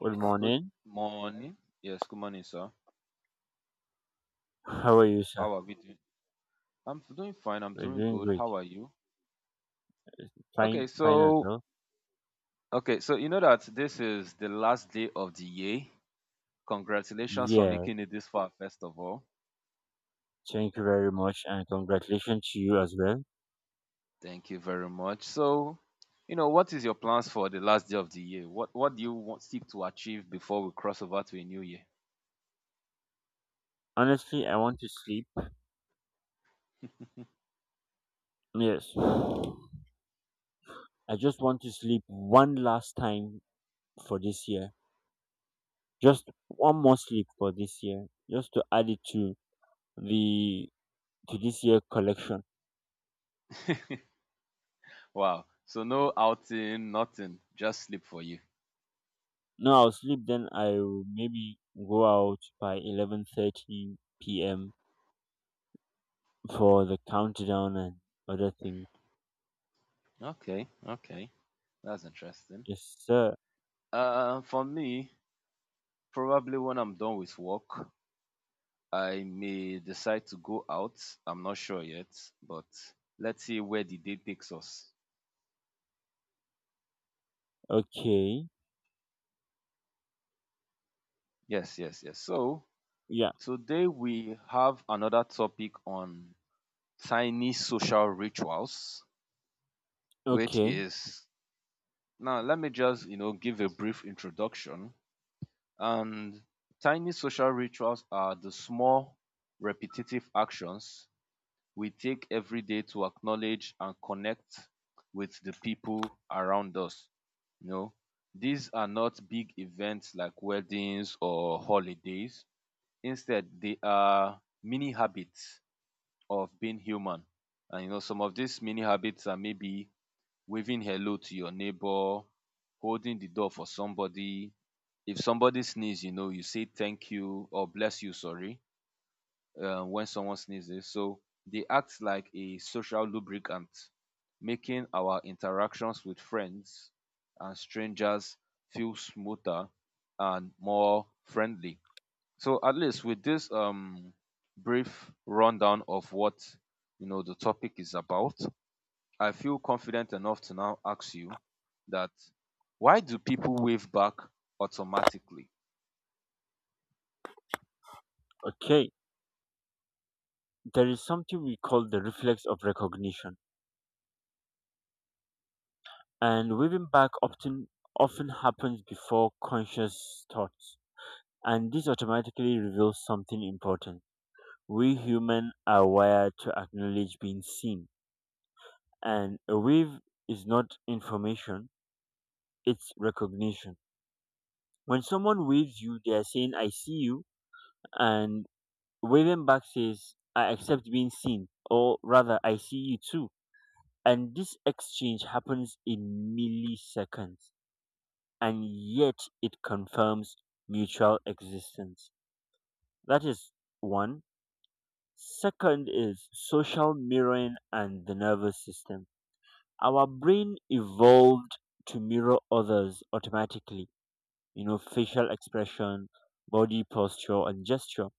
Good Good morning. morning. Yes, good morning, sir. How are you, sir? How are we doing? I'm doing fine. I'm We're doing doing good. great. How are you? Fine, Okay, fine as so well. okay, so you know that this is the last day of the year. Congratulations for Yeah, making it this far, first of all. thank you very much and congratulations to you as well. Thank you very much. So, what is your plans for the last day of the year? What do you want seek to achieve before we cross over to a new year? Honestly, I want to sleep. Yes. I just want to sleep one last time for this year. Just one more sleep for this year. Just to add it to the to this year collection. Wow. So no outing, nothing. Just sleep for you. No, I'll sleep then I'll maybe go out by 11:30 PM for the countdown and other things. Okay, okay. That's interesting. Yes, sir. For me, probably when I'm done with work, I may decide to go out. I'm not sure yet, but let's see where the day takes us. Okay. Yes, yes, yes. So Yeah. today we have another topic on tiny social rituals, which Okay. is, now let me just, give a brief introduction. And tiny social rituals are the small repetitive actions we take every day to acknowledge and connect with the people around us. You know, these are not big events like weddings or holidays. Instead, they are mini habits of being human. And some of these mini habits are maybe waving hello to your neighbor, holding the door for somebody. If somebody sneezes, you say thank you or bless you, sorry, when someone sneezes. So they act like a social lubricant, making our interactions with friends and strangers feel smoother and more friendly. So at least with this brief rundown of what, the topic is about, I feel confident enough to now ask you that why do people wave back automatically? Okay. There is something we call the reflex of recognition, and waving back often happens before conscious thoughts, and this automatically reveals something important. We humans are wired to acknowledge being seen, and a wave is not information; it's recognition. When someone waves you, they are saying "I see you," and waving back says "I accept being seen," or rather "I see you too." And this exchange happens in milliseconds, and yet it confirms mutual existence. That is one. Second is social mirroring and the nervous system. Our brain evolved to mirror others automatically, facial expression, body posture, and gesture.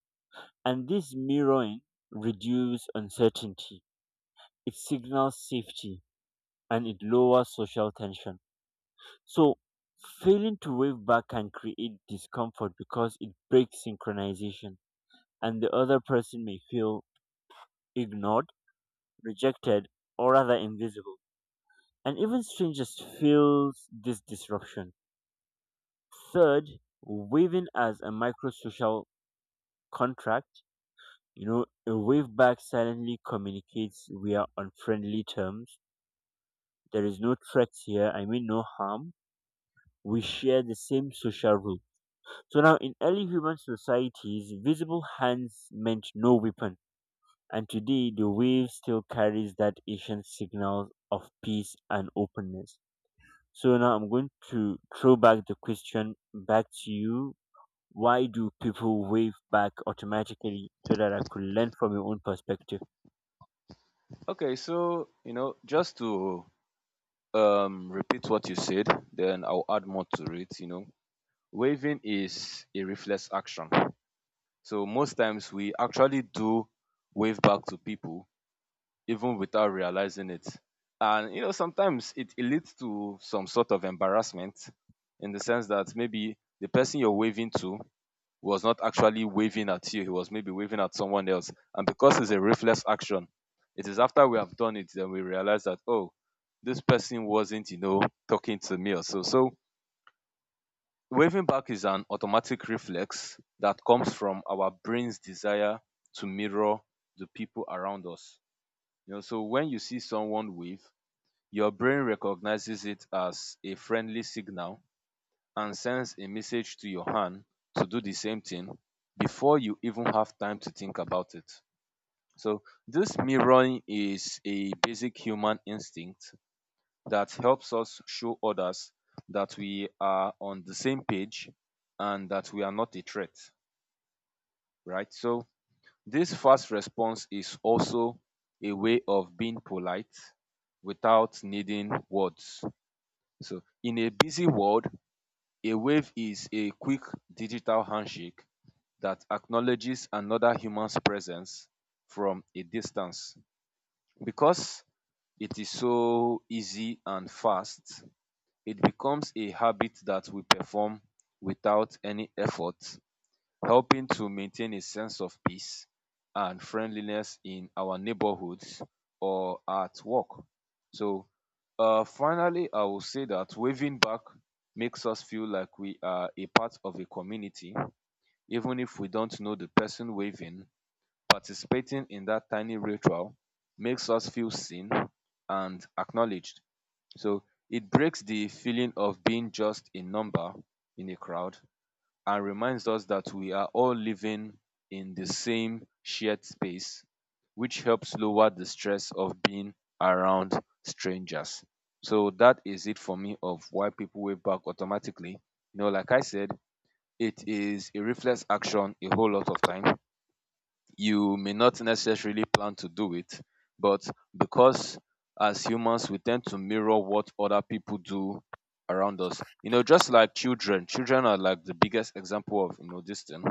And this mirroring reduces uncertainty, it signals safety, and it lowers social tension. So failing to wave back can create discomfort because it breaks synchronization and the other person may feel ignored, rejected, or rather invisible. And even strangers feel this disruption. Third, waving as a microsocial contract. A wave back silently communicates we are on friendly terms. There is no threat here, I mean no harm. We share the same social rules. So now, in early human societies, visible hands meant no weapon, and today the wave still carries that ancient signal of peace and openness. So now I'm going to throw back the question back to you. Why do people wave back automatically so that I could learn from your own perspective? Okay, so just to repeat what you said, then I'll add more to it. Waving is a reflex action. So most times we actually do wave back to people even without realizing it. And sometimes it leads to some sort of embarrassment in the sense that maybe the person you're waving to was not actually waving at you, he was maybe waving at someone else. And because it's a reflex action, it is after we have done it that we realize that, oh, this person wasn't, talking to me or so. So waving back is an automatic reflex that comes from our brain's desire to mirror the people around us. So when you see someone wave, your brain recognizes it as a friendly signal and sends a message to your hand to do the same thing before you even have time to think about it. So, this mirroring is a basic human instinct that helps us show others that we are on the same page and that we are not a threat, right? So, this fast response is also a way of being polite without needing words. So, in a busy world, a wave is a quick digital handshake that acknowledges another human's presence from a distance. Because it is so easy and fast, it becomes a habit that we perform without any effort, helping to maintain a sense of peace and friendliness in our neighborhoods or at work. So, finally, I will say that waving back makes us feel like we are a part of a community, even if we don't know the person waving, participating in that tiny ritual makes us feel seen and acknowledged. So it breaks the feeling of being just a number in a crowd and reminds us that we are all living in the same shared space, which helps lower the stress of being around strangers. So that is it for me of why people wave back automatically. Like I said, it is a reflex action a whole lot of time, you may not necessarily plan to do it, but because as humans we tend to mirror what other people do around us. Just like children, children are like the biggest example of this thing.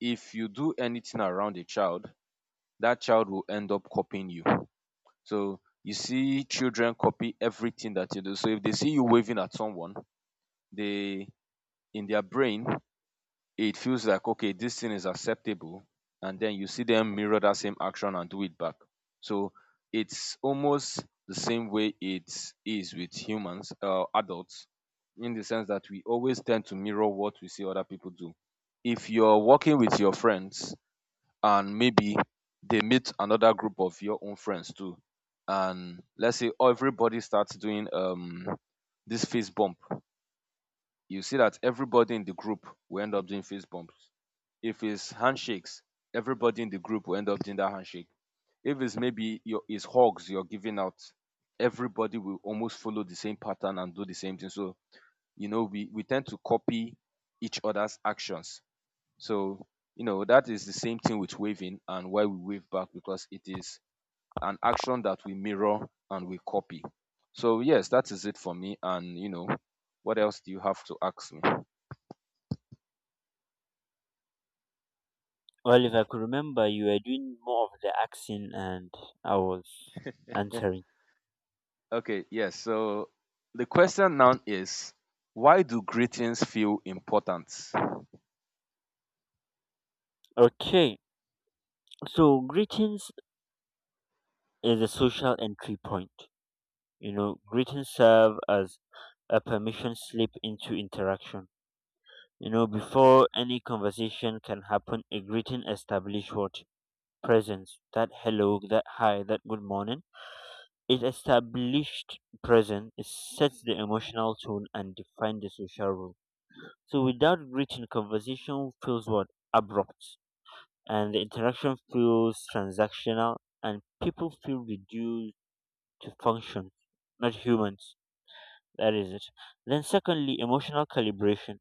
If you do anything around a child, that child will end up copying you. So you see children copy everything that you do. So if they see you waving at someone, they, in their brain, it feels like okay this thing is acceptable, and then you see them mirror that same action and do it back. So it's almost the same way it is with humans, adults, in the sense that we always tend to mirror what we see other people do. If you're working with your friends and maybe they meet another group of your own friends too, and let's say everybody starts doing this fist bump, you see that everybody in the group will end up doing fist bumps. If it's handshakes, everybody in the group will end up doing that handshake. If it's maybe your, it's hugs you're giving out, everybody will almost follow the same pattern and do the same thing. So, we tend to copy each other's actions. So, that is the same thing with waving and why we wave back, because it is an action that we mirror and we copy. So, yes, that is it for me. And, what else do you have to ask me? Well, if I could remember, you were doing more of the asking and I was answering. Okay, yes. So the question now is, why do greetings feel important? Okay, so greetings is a social entry point. You know, greetings serve as a permission slip into interaction. You know, before any conversation can happen, a greeting established what? Presence. That hello, that hi, that good morning. It established presence, it sets the emotional tone and defines the social rule. So without greeting, conversation feels what? Abrupt. And the interaction feels transactional and people feel reduced to function, not humans. That is it. Then, secondly, emotional calibration.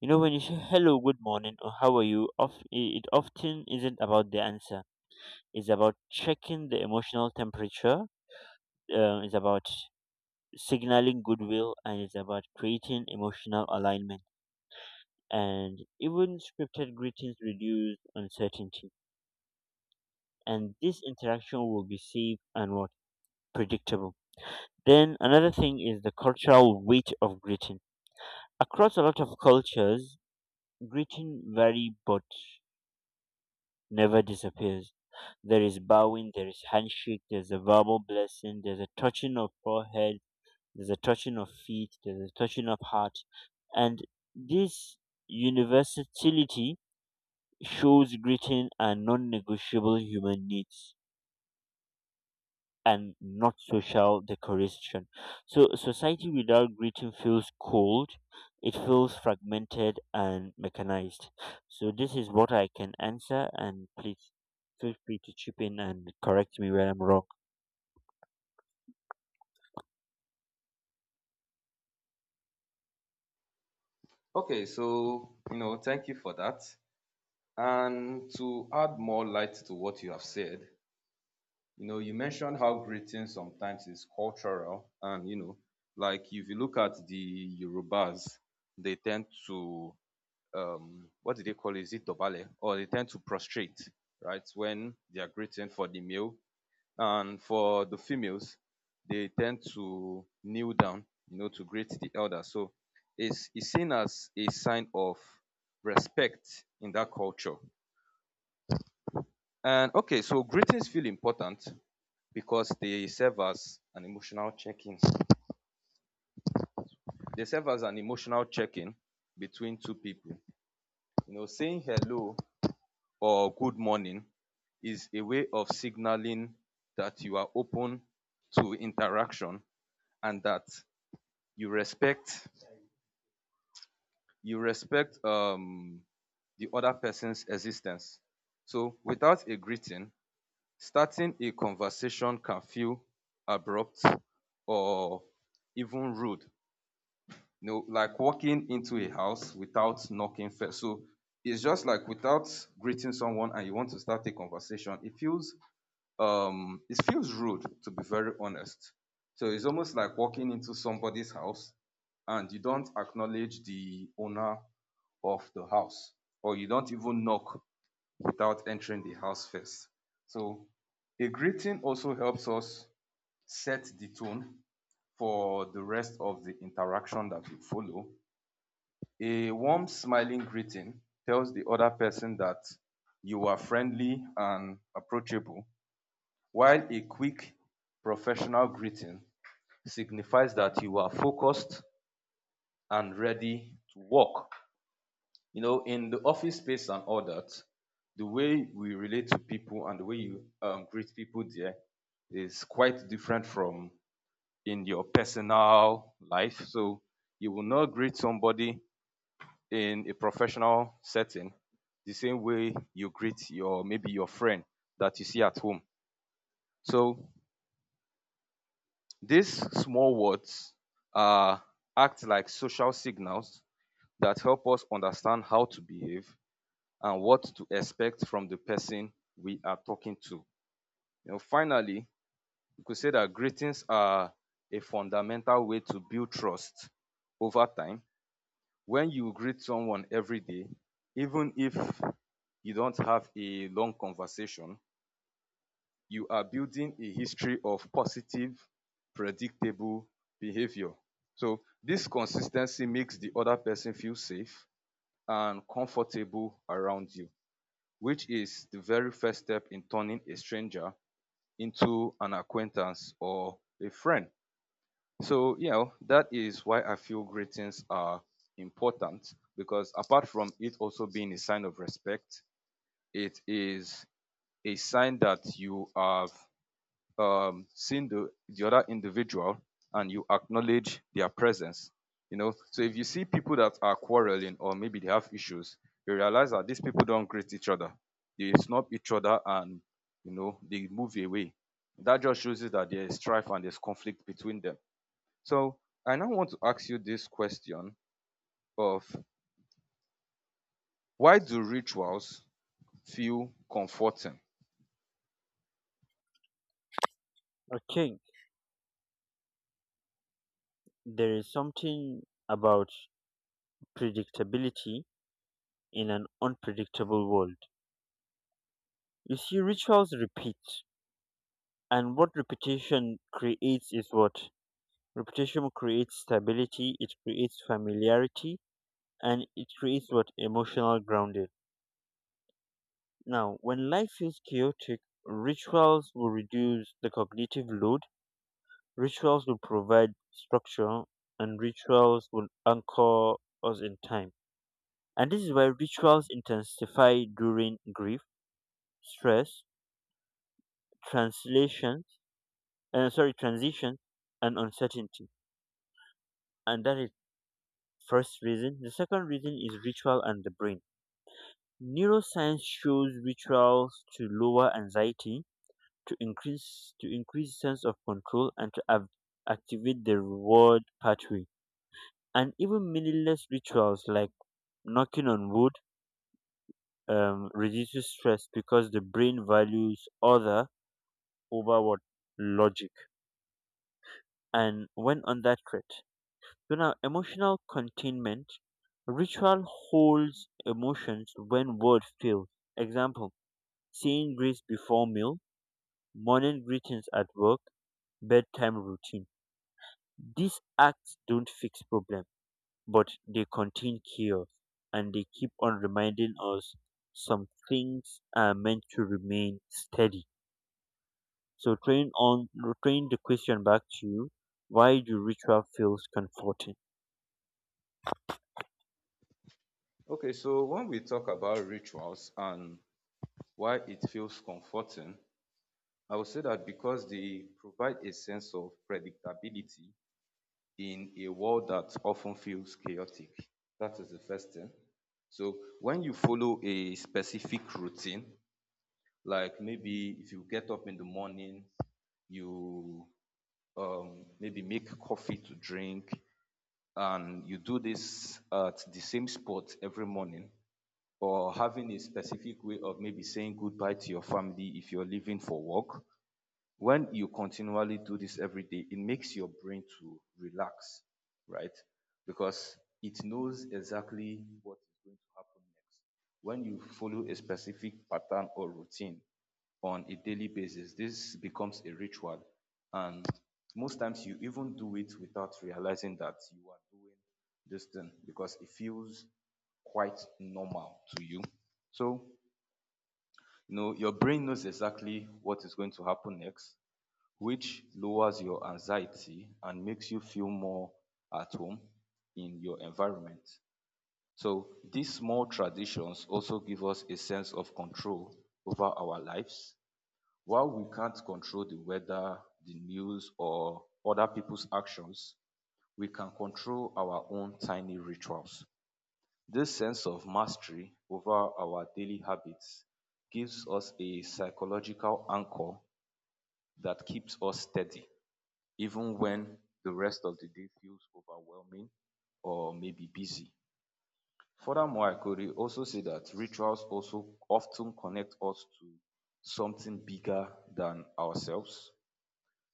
You know, when you say hello, good morning, or how are you, it often isn't about the answer. It's about checking the emotional temperature, it's about signaling goodwill, and it's about creating emotional alignment. And even scripted greetings reduce uncertainty. And this interaction will be safe and what? Predictable. Then, another thing is the cultural weight of greeting. Across a lot of cultures, greeting vary but never disappears. There is bowing, there is handshake, there's a verbal blessing, there's a touching of forehead, there's a touching of feet, there's a touching of heart. And this universality shows greeting are non negotiable human needs, and not social decoration. So society without greeting feels cold, it feels fragmented and mechanized. So this is what I can answer and please feel free to chip in and correct me where I'm wrong. Okay, so, thank you for that. And to add more light to what you have said, you mentioned how greeting sometimes is cultural. And, like if you look at the Yorubas, they tend to, what do they call it? Is it Dobale? Or they tend to prostrate, right? When they are greeting for the meal. And for the females, they tend to kneel down, to greet the elder. So it's seen as a sign of respect in that culture. And okay, so greetings feel important because they serve as an emotional check-in. They serve as an emotional check-in between two people. Saying hello or good morning is a way of signaling that you are open to interaction and that you respect you respect the other person's existence. So without a greeting, starting a conversation can feel abrupt or even rude. Like walking into a house without knocking first. So it's just like without greeting someone and you want to start a conversation, it feels rude to be very honest. So it's almost like walking into somebody's house and you don't acknowledge the owner of the house, or you don't even knock without entering the house first. So a greeting also helps us set the tone for the rest of the interaction that will follow. A warm, smiling greeting tells the other person that you are friendly and approachable, while a quick, professional greeting signifies that you are focused and ready to work. In the office space and all that, the way we relate to people and the way you greet people there is quite different from in your personal life. So you will not greet somebody in a professional setting the same way you greet your, maybe your friend that you see at home. So these small words uh, act like social signals that help us understand how to behave and what to expect from the person we are talking to. Finally, we could say that greetings are a fundamental way to build trust over time. When you greet someone every day, even if you don't have a long conversation, you are building a history of positive, predictable behavior. So, this consistency makes the other person feel safe and comfortable around you, which is the very first step in turning a stranger into an acquaintance or a friend. So, that is why I feel greetings are important, because apart from it also being a sign of respect, it is a sign that you have seeing the other individual and you acknowledge their presence. So if you see people that are quarreling or maybe they have issues, you realize that these people don't greet each other. They snub each other and they move away. That just shows you that there is strife and there's conflict between them. So I now want to ask you this question of, why do rituals feel comforting? Okay, there is something about predictability in an unpredictable world. You see, rituals repeat, and what reputation creates is what? Reputation creates stability, it creates familiarity, and it creates what? Emotional grounding. Now when life feels chaotic, rituals will reduce the cognitive load, rituals will provide structure, and rituals will anchor us in time. And this is why rituals intensify during grief, stress, translation sorry transition, and uncertainty. And that is first reason. The second reason is ritual and the brain. Neuroscience shows rituals to lower anxiety, to increase sense of control, and to activate the reward pathway. And even meaningless rituals like knocking on wood reduces stress because the brain values order over what? Logic. And when under threat, so now, emotional containment, ritual holds emotions when word fails. Example: saying grace before meal, morning greetings at work, bedtime routine. These acts don't fix problem, but they contain chaos, and they keep on reminding us some things are meant to remain steady. So train the question back to you. Why do ritual feels comforting? Okay, so when we talk about rituals and why it feels comforting, I would say that because they provide a sense of predictability in a world that often feels chaotic. That is the first thing. So when you follow a specific routine, like maybe if you get up in the morning, you maybe make coffee to drink, and you do this at the same spot every morning, or having a specific way of maybe saying goodbye to your family if you're leaving for work, when you continually do this every day, it makes your brain to relax, right? Because it knows exactly what is going to happen next. When you follow a specific pattern or routine on a daily basis, this becomes a ritual. And most times you even do it without realizing that you are doing this thing because it feels quite normal to you. So, you know, your brain knows exactly what is going to happen next which lowers your anxiety and makes you feel more at home in your environment. So these small traditions also give us a sense of control over our lives. While we can't control the weather, the news, or other people's actions, we can control our own tiny rituals. This sense of mastery over our daily habits gives us a psychological anchor that keeps us steady even when the rest of the day feels overwhelming or maybe busy. Furthermore, I could also say that rituals also often connect us to something bigger than ourselves.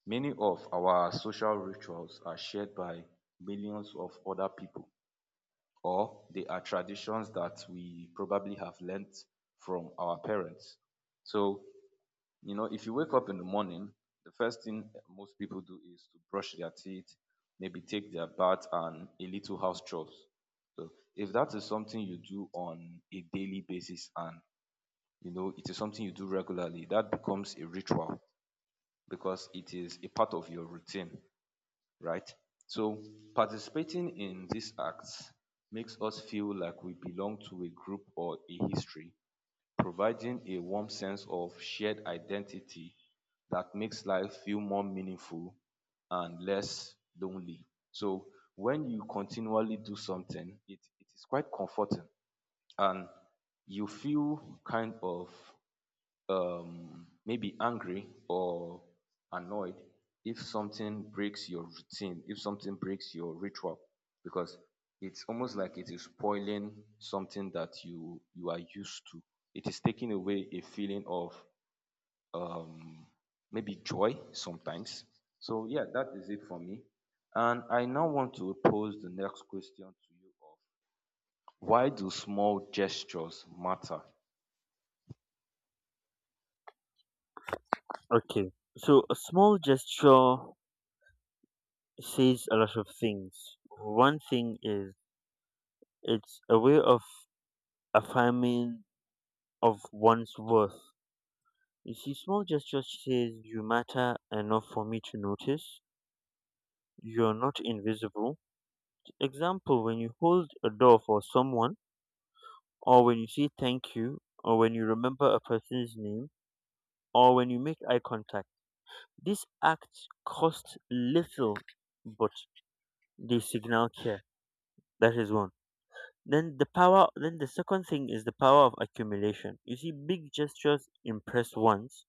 Many of our social rituals are shared by millions of other people, or they are traditions that we probably have learnt from our parents. So you know, if you wake up in the morning, the first thing most people do is to brush their teeth, maybe take their bath, and a little house chores. So, if that is something you do on a daily basis and you know it is something you do regularly, that becomes a ritual because it is a part of your routine, right? So, participating in these acts makes us feel like we belong to a group or a history providing a warm sense of shared identity that makes life feel more meaningful and less lonely. So when you continually do something, it is quite comforting and you feel kind of maybe angry or annoyed if something breaks your routine, if something breaks your ritual because it's almost like it is spoiling something that you are used to. It is taking away a feeling of um maybe joy sometimes. So yeah, that is it for me. And I now want to pose the next question to you of why do small gestures matter? Okay. So a small gesture says a lot of things. One thing is it's a way of affirming of one's worth. You see, small gestures says you matter enough for me to notice. You're not invisible. Example, when you hold a door for someone, or when you say thank you, or when you remember a person's name, or when you make eye contact. These acts cost little, but they signal care. That is one. Then then the second thing is the power of accumulation. You see big gestures impress once,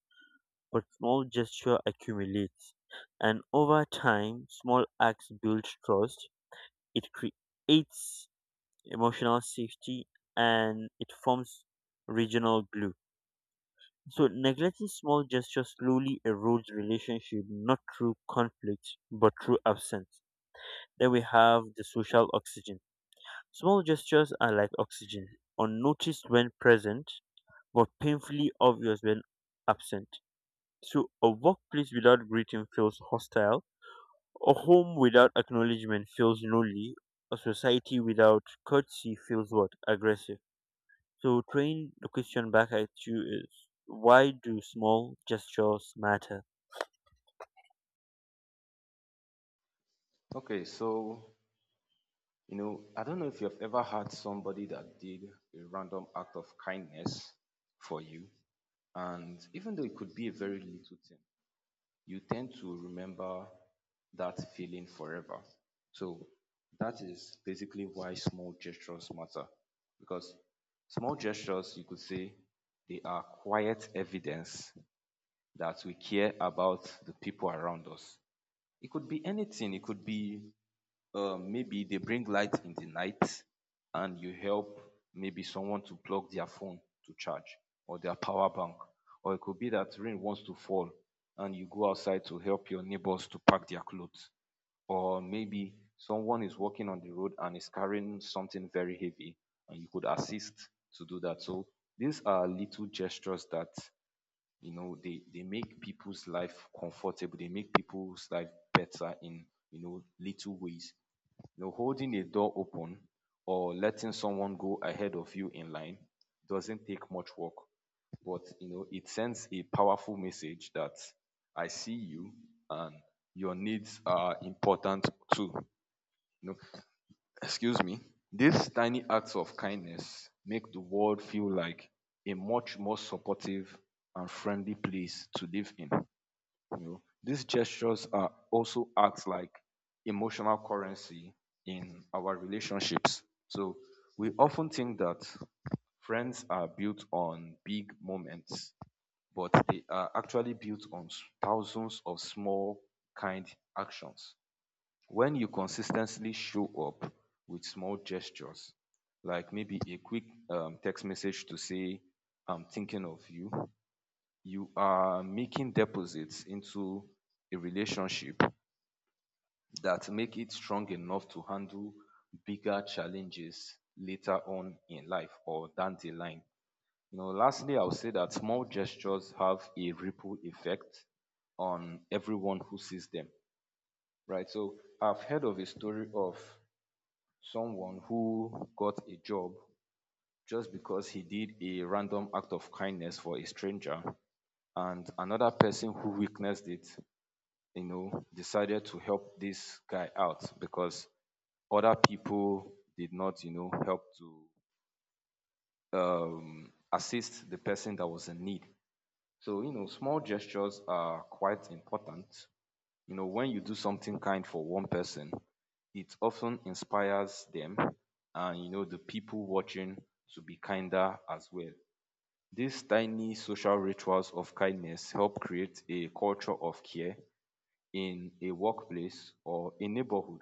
but small gesture accumulates. And over time, small acts build trust. It creates emotional safety and it forms regional glue. So neglecting small gestures slowly erodes relationship not through conflict but through absence. Then we have the social oxygen. Small gestures are like oxygen, unnoticed when present, but painfully obvious when absent. So, a workplace without greeting feels hostile, a home without acknowledgement feels lonely, a society without courtesy feels what? Aggressive. So, throwing the question back at you is why do small gestures matter? Okay, so you know, I don't know if you've ever had somebody that did a random act of kindness for you. And even though it could be a very little thing, you tend to remember that feeling forever. So that is basically why small gestures matter. Because small gestures, you could say, they are quiet evidence that we care about the people around us. It could be anything, it could be maybe they bring light in the night and you help maybe someone to plug their phone to charge or their power bank. Or it could be that rain wants to fall and you go outside to help your neighbors to pack their clothes. Or maybe someone is walking on the road and is carrying something very heavy and you could assist to do that. So these are little gestures that you know they make people's life comfortable, they make people's life better in you know little ways, you know, holding a door open or letting someone go ahead of you in line doesn't take much work, but you know, it sends a powerful message that I see you and your needs are important too. You know, excuse me. These tiny acts of kindness make the world feel like a much more supportive and friendly place to live in. You know, these gestures are also act like emotional currency in our relationships. So we often think that friends are built on big moments, but they are actually built on thousands of small kind actions. When you consistently show up with small gestures, like maybe a quick text message to say, I'm thinking of you, you are making deposits into a relationship that make it strong enough to handle bigger challenges later on in life or down the line. You know, lastly, I would say that small gestures have a ripple effect on everyone who sees them, right? So I've heard of a story of someone who got a job just because he did a random act of kindness for a stranger and another person who witnessed it, you know, decided to help this guy out because other people did not, you know, help to assist the person that was in need. So, you know, small gestures are quite important. You know, when you do something kind for one person, it often inspires them and, you know, the people watching to be kinder as well. These tiny social rituals of kindness help create a culture of care in a workplace or a neighborhood,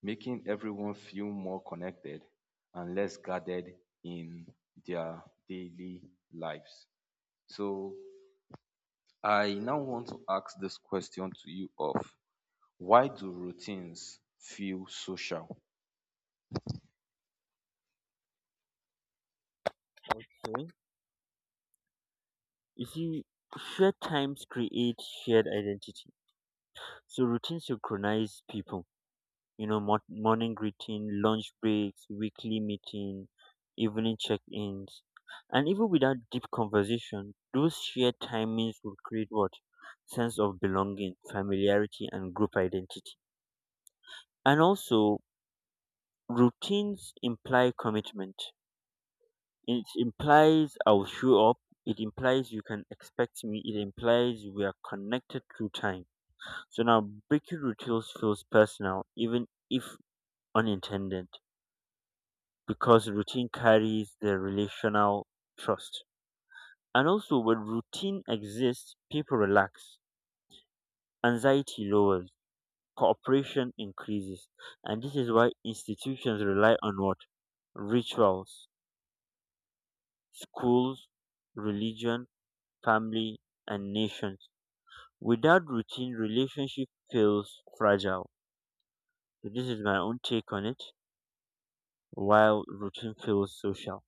making everyone feel more connected and less guarded in their daily lives. So I now want to ask this question to you of why do routines feel social? Okay? You see, shared times create shared identity. So, routine synchronize people. Morning routine, lunch breaks, weekly meeting, evening check-ins. And even without deep conversation, those shared timings will create what? Sense of belonging, familiarity, and group identity. And also, routines imply commitment. It implies I'll show up. It implies you can expect me. It implies we are connected through time. So now breaking routines feels personal, even if unintended, because routine carries the relational trust. And also, when routine exists, people relax, anxiety lowers, cooperation increases. And this is why institutions rely on what? Rituals, schools, religion, family, and nations. Without routine, relationship feels fragile. So this is my own take on it, while routine feels social.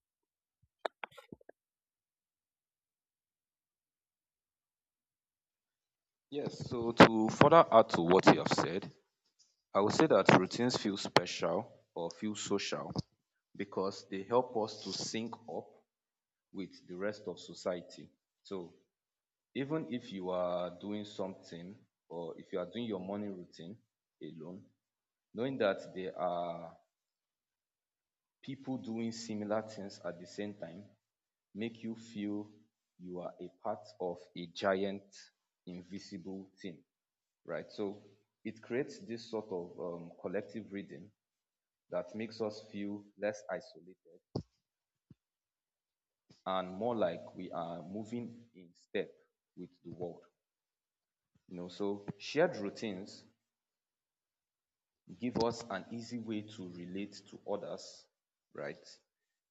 Yes, so to further add to what you have said, I would say that routines feel special or feel social because they help us to sync up with the rest of society. So even if you are doing something or if you are doing your morning routine alone, knowing that there are people doing similar things at the same time make you feel you are a part of a giant invisible team, right? So it creates this sort of collective reading that makes us feel less isolated and more like we are moving in step with the world. You know, so shared routines give us an easy way to relate to others, right?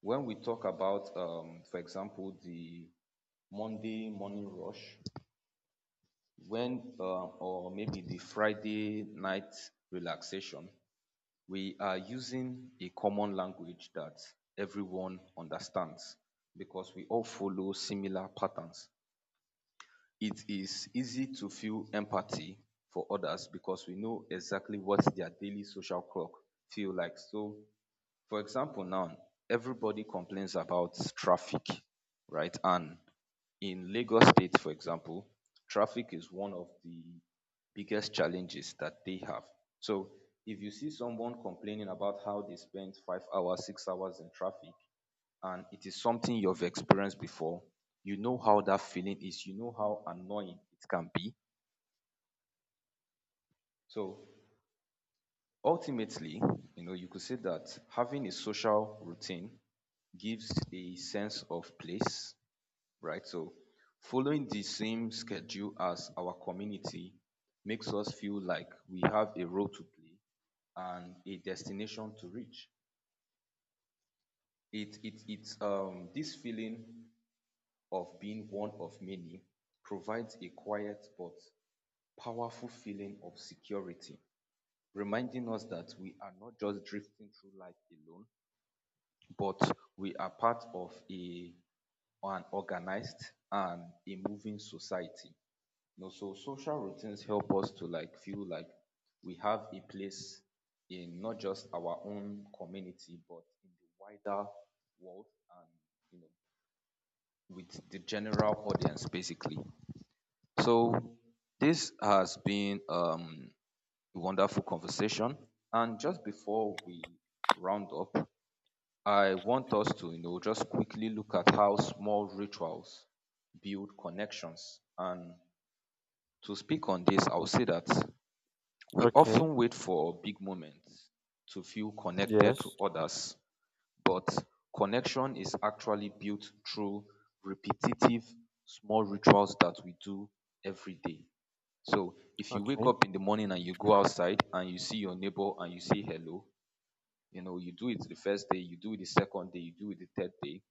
When we talk about, for example, the Monday morning rush, when or maybe the Friday night relaxation, we are using a common language that everyone understands because we all follow similar patterns. It is easy to feel empathy for others because we know exactly what their daily social clock feel like. So for example, now everybody complains about traffic, right? And in Lagos State, for example, traffic is one of the biggest challenges that they have. So if you see someone complaining about how they spend 5 hours, 6 hours in traffic, and it is something you've experienced before, you know how that feeling is, you know how annoying it can be. So ultimately, you know, you could say that having a social routine gives a sense of place, right? So following the same schedule as our community makes us feel like we have a role to play and a destination to reach. It's this feeling of being one of many provides a quiet but powerful feeling of security, reminding us that we are not just drifting through life alone, but we are part of a an organized and a moving society. You know, so social routines help us to like feel like we have a place in not just our own community but in the wider world and you know with the general audience basically. So this has been a wonderful conversation and just before we round up I want us to, you know, just quickly look at how small rituals build connections. And to speak on this, I'll say that we Okay, often wait for big moments to feel connected to yes, others, but connection is actually built through repetitive small rituals that we do every day. So if you wake okay, up in the morning and you go outside and you see your neighbor and you say hello, you know, you do it the first day, you do it the second day, you do it the third day.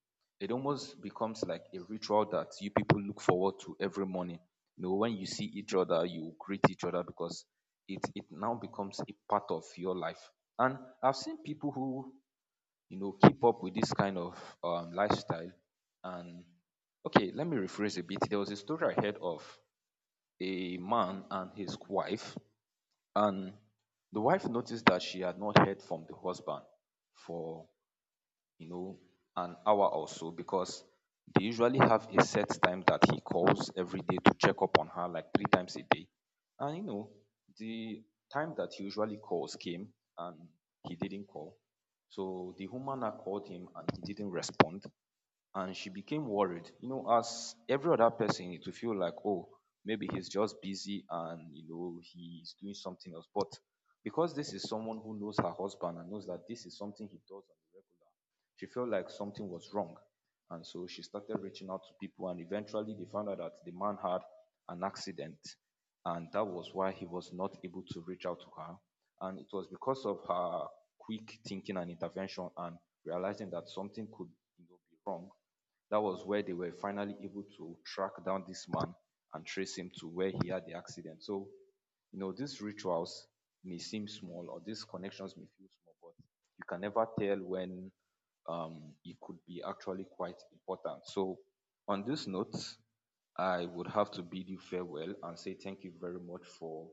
It almost becomes like a ritual that you people look forward to every morning. You know, when you see each other, you greet each other because it now becomes a part of your life. And I've seen people who, you know, keep up with this kind of lifestyle. And okay, let me rephrase a bit. There was a story I heard of a man and his wife, and the wife noticed that she had not heard from the husband for, you know, an hour or so because they usually have a set time that he calls every day to check up on her like three times a day. And you know, the time that he usually calls came and he didn't call. So the woman now called him and he didn't respond. And she became worried. You know, as every other person, it will feel like, oh, maybe he's just busy and you know he's doing something else. But because this is someone who knows her husband and knows that this is something he does on the regular, she felt like something was wrong. And so she started reaching out to people, and eventually they found out that the man had an accident, and that was why he was not able to reach out to her. And it was because of her quick thinking and intervention and realizing that something could, you know, be wrong. That was where they were finally able to track down this man and trace him to where he had the accident. So, you know, these rituals may seem small or these connections may feel small, but you can never tell when it could be actually quite important. So, on this note, I would have to bid you farewell and say thank you very much for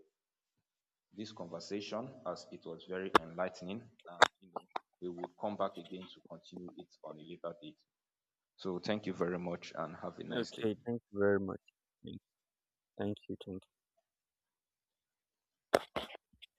this conversation, as it was very enlightening. And you know, we would come back again to continue it on a later date. So, thank you very much and have a nice day. okay, thank you very much. Thank you. Thank you.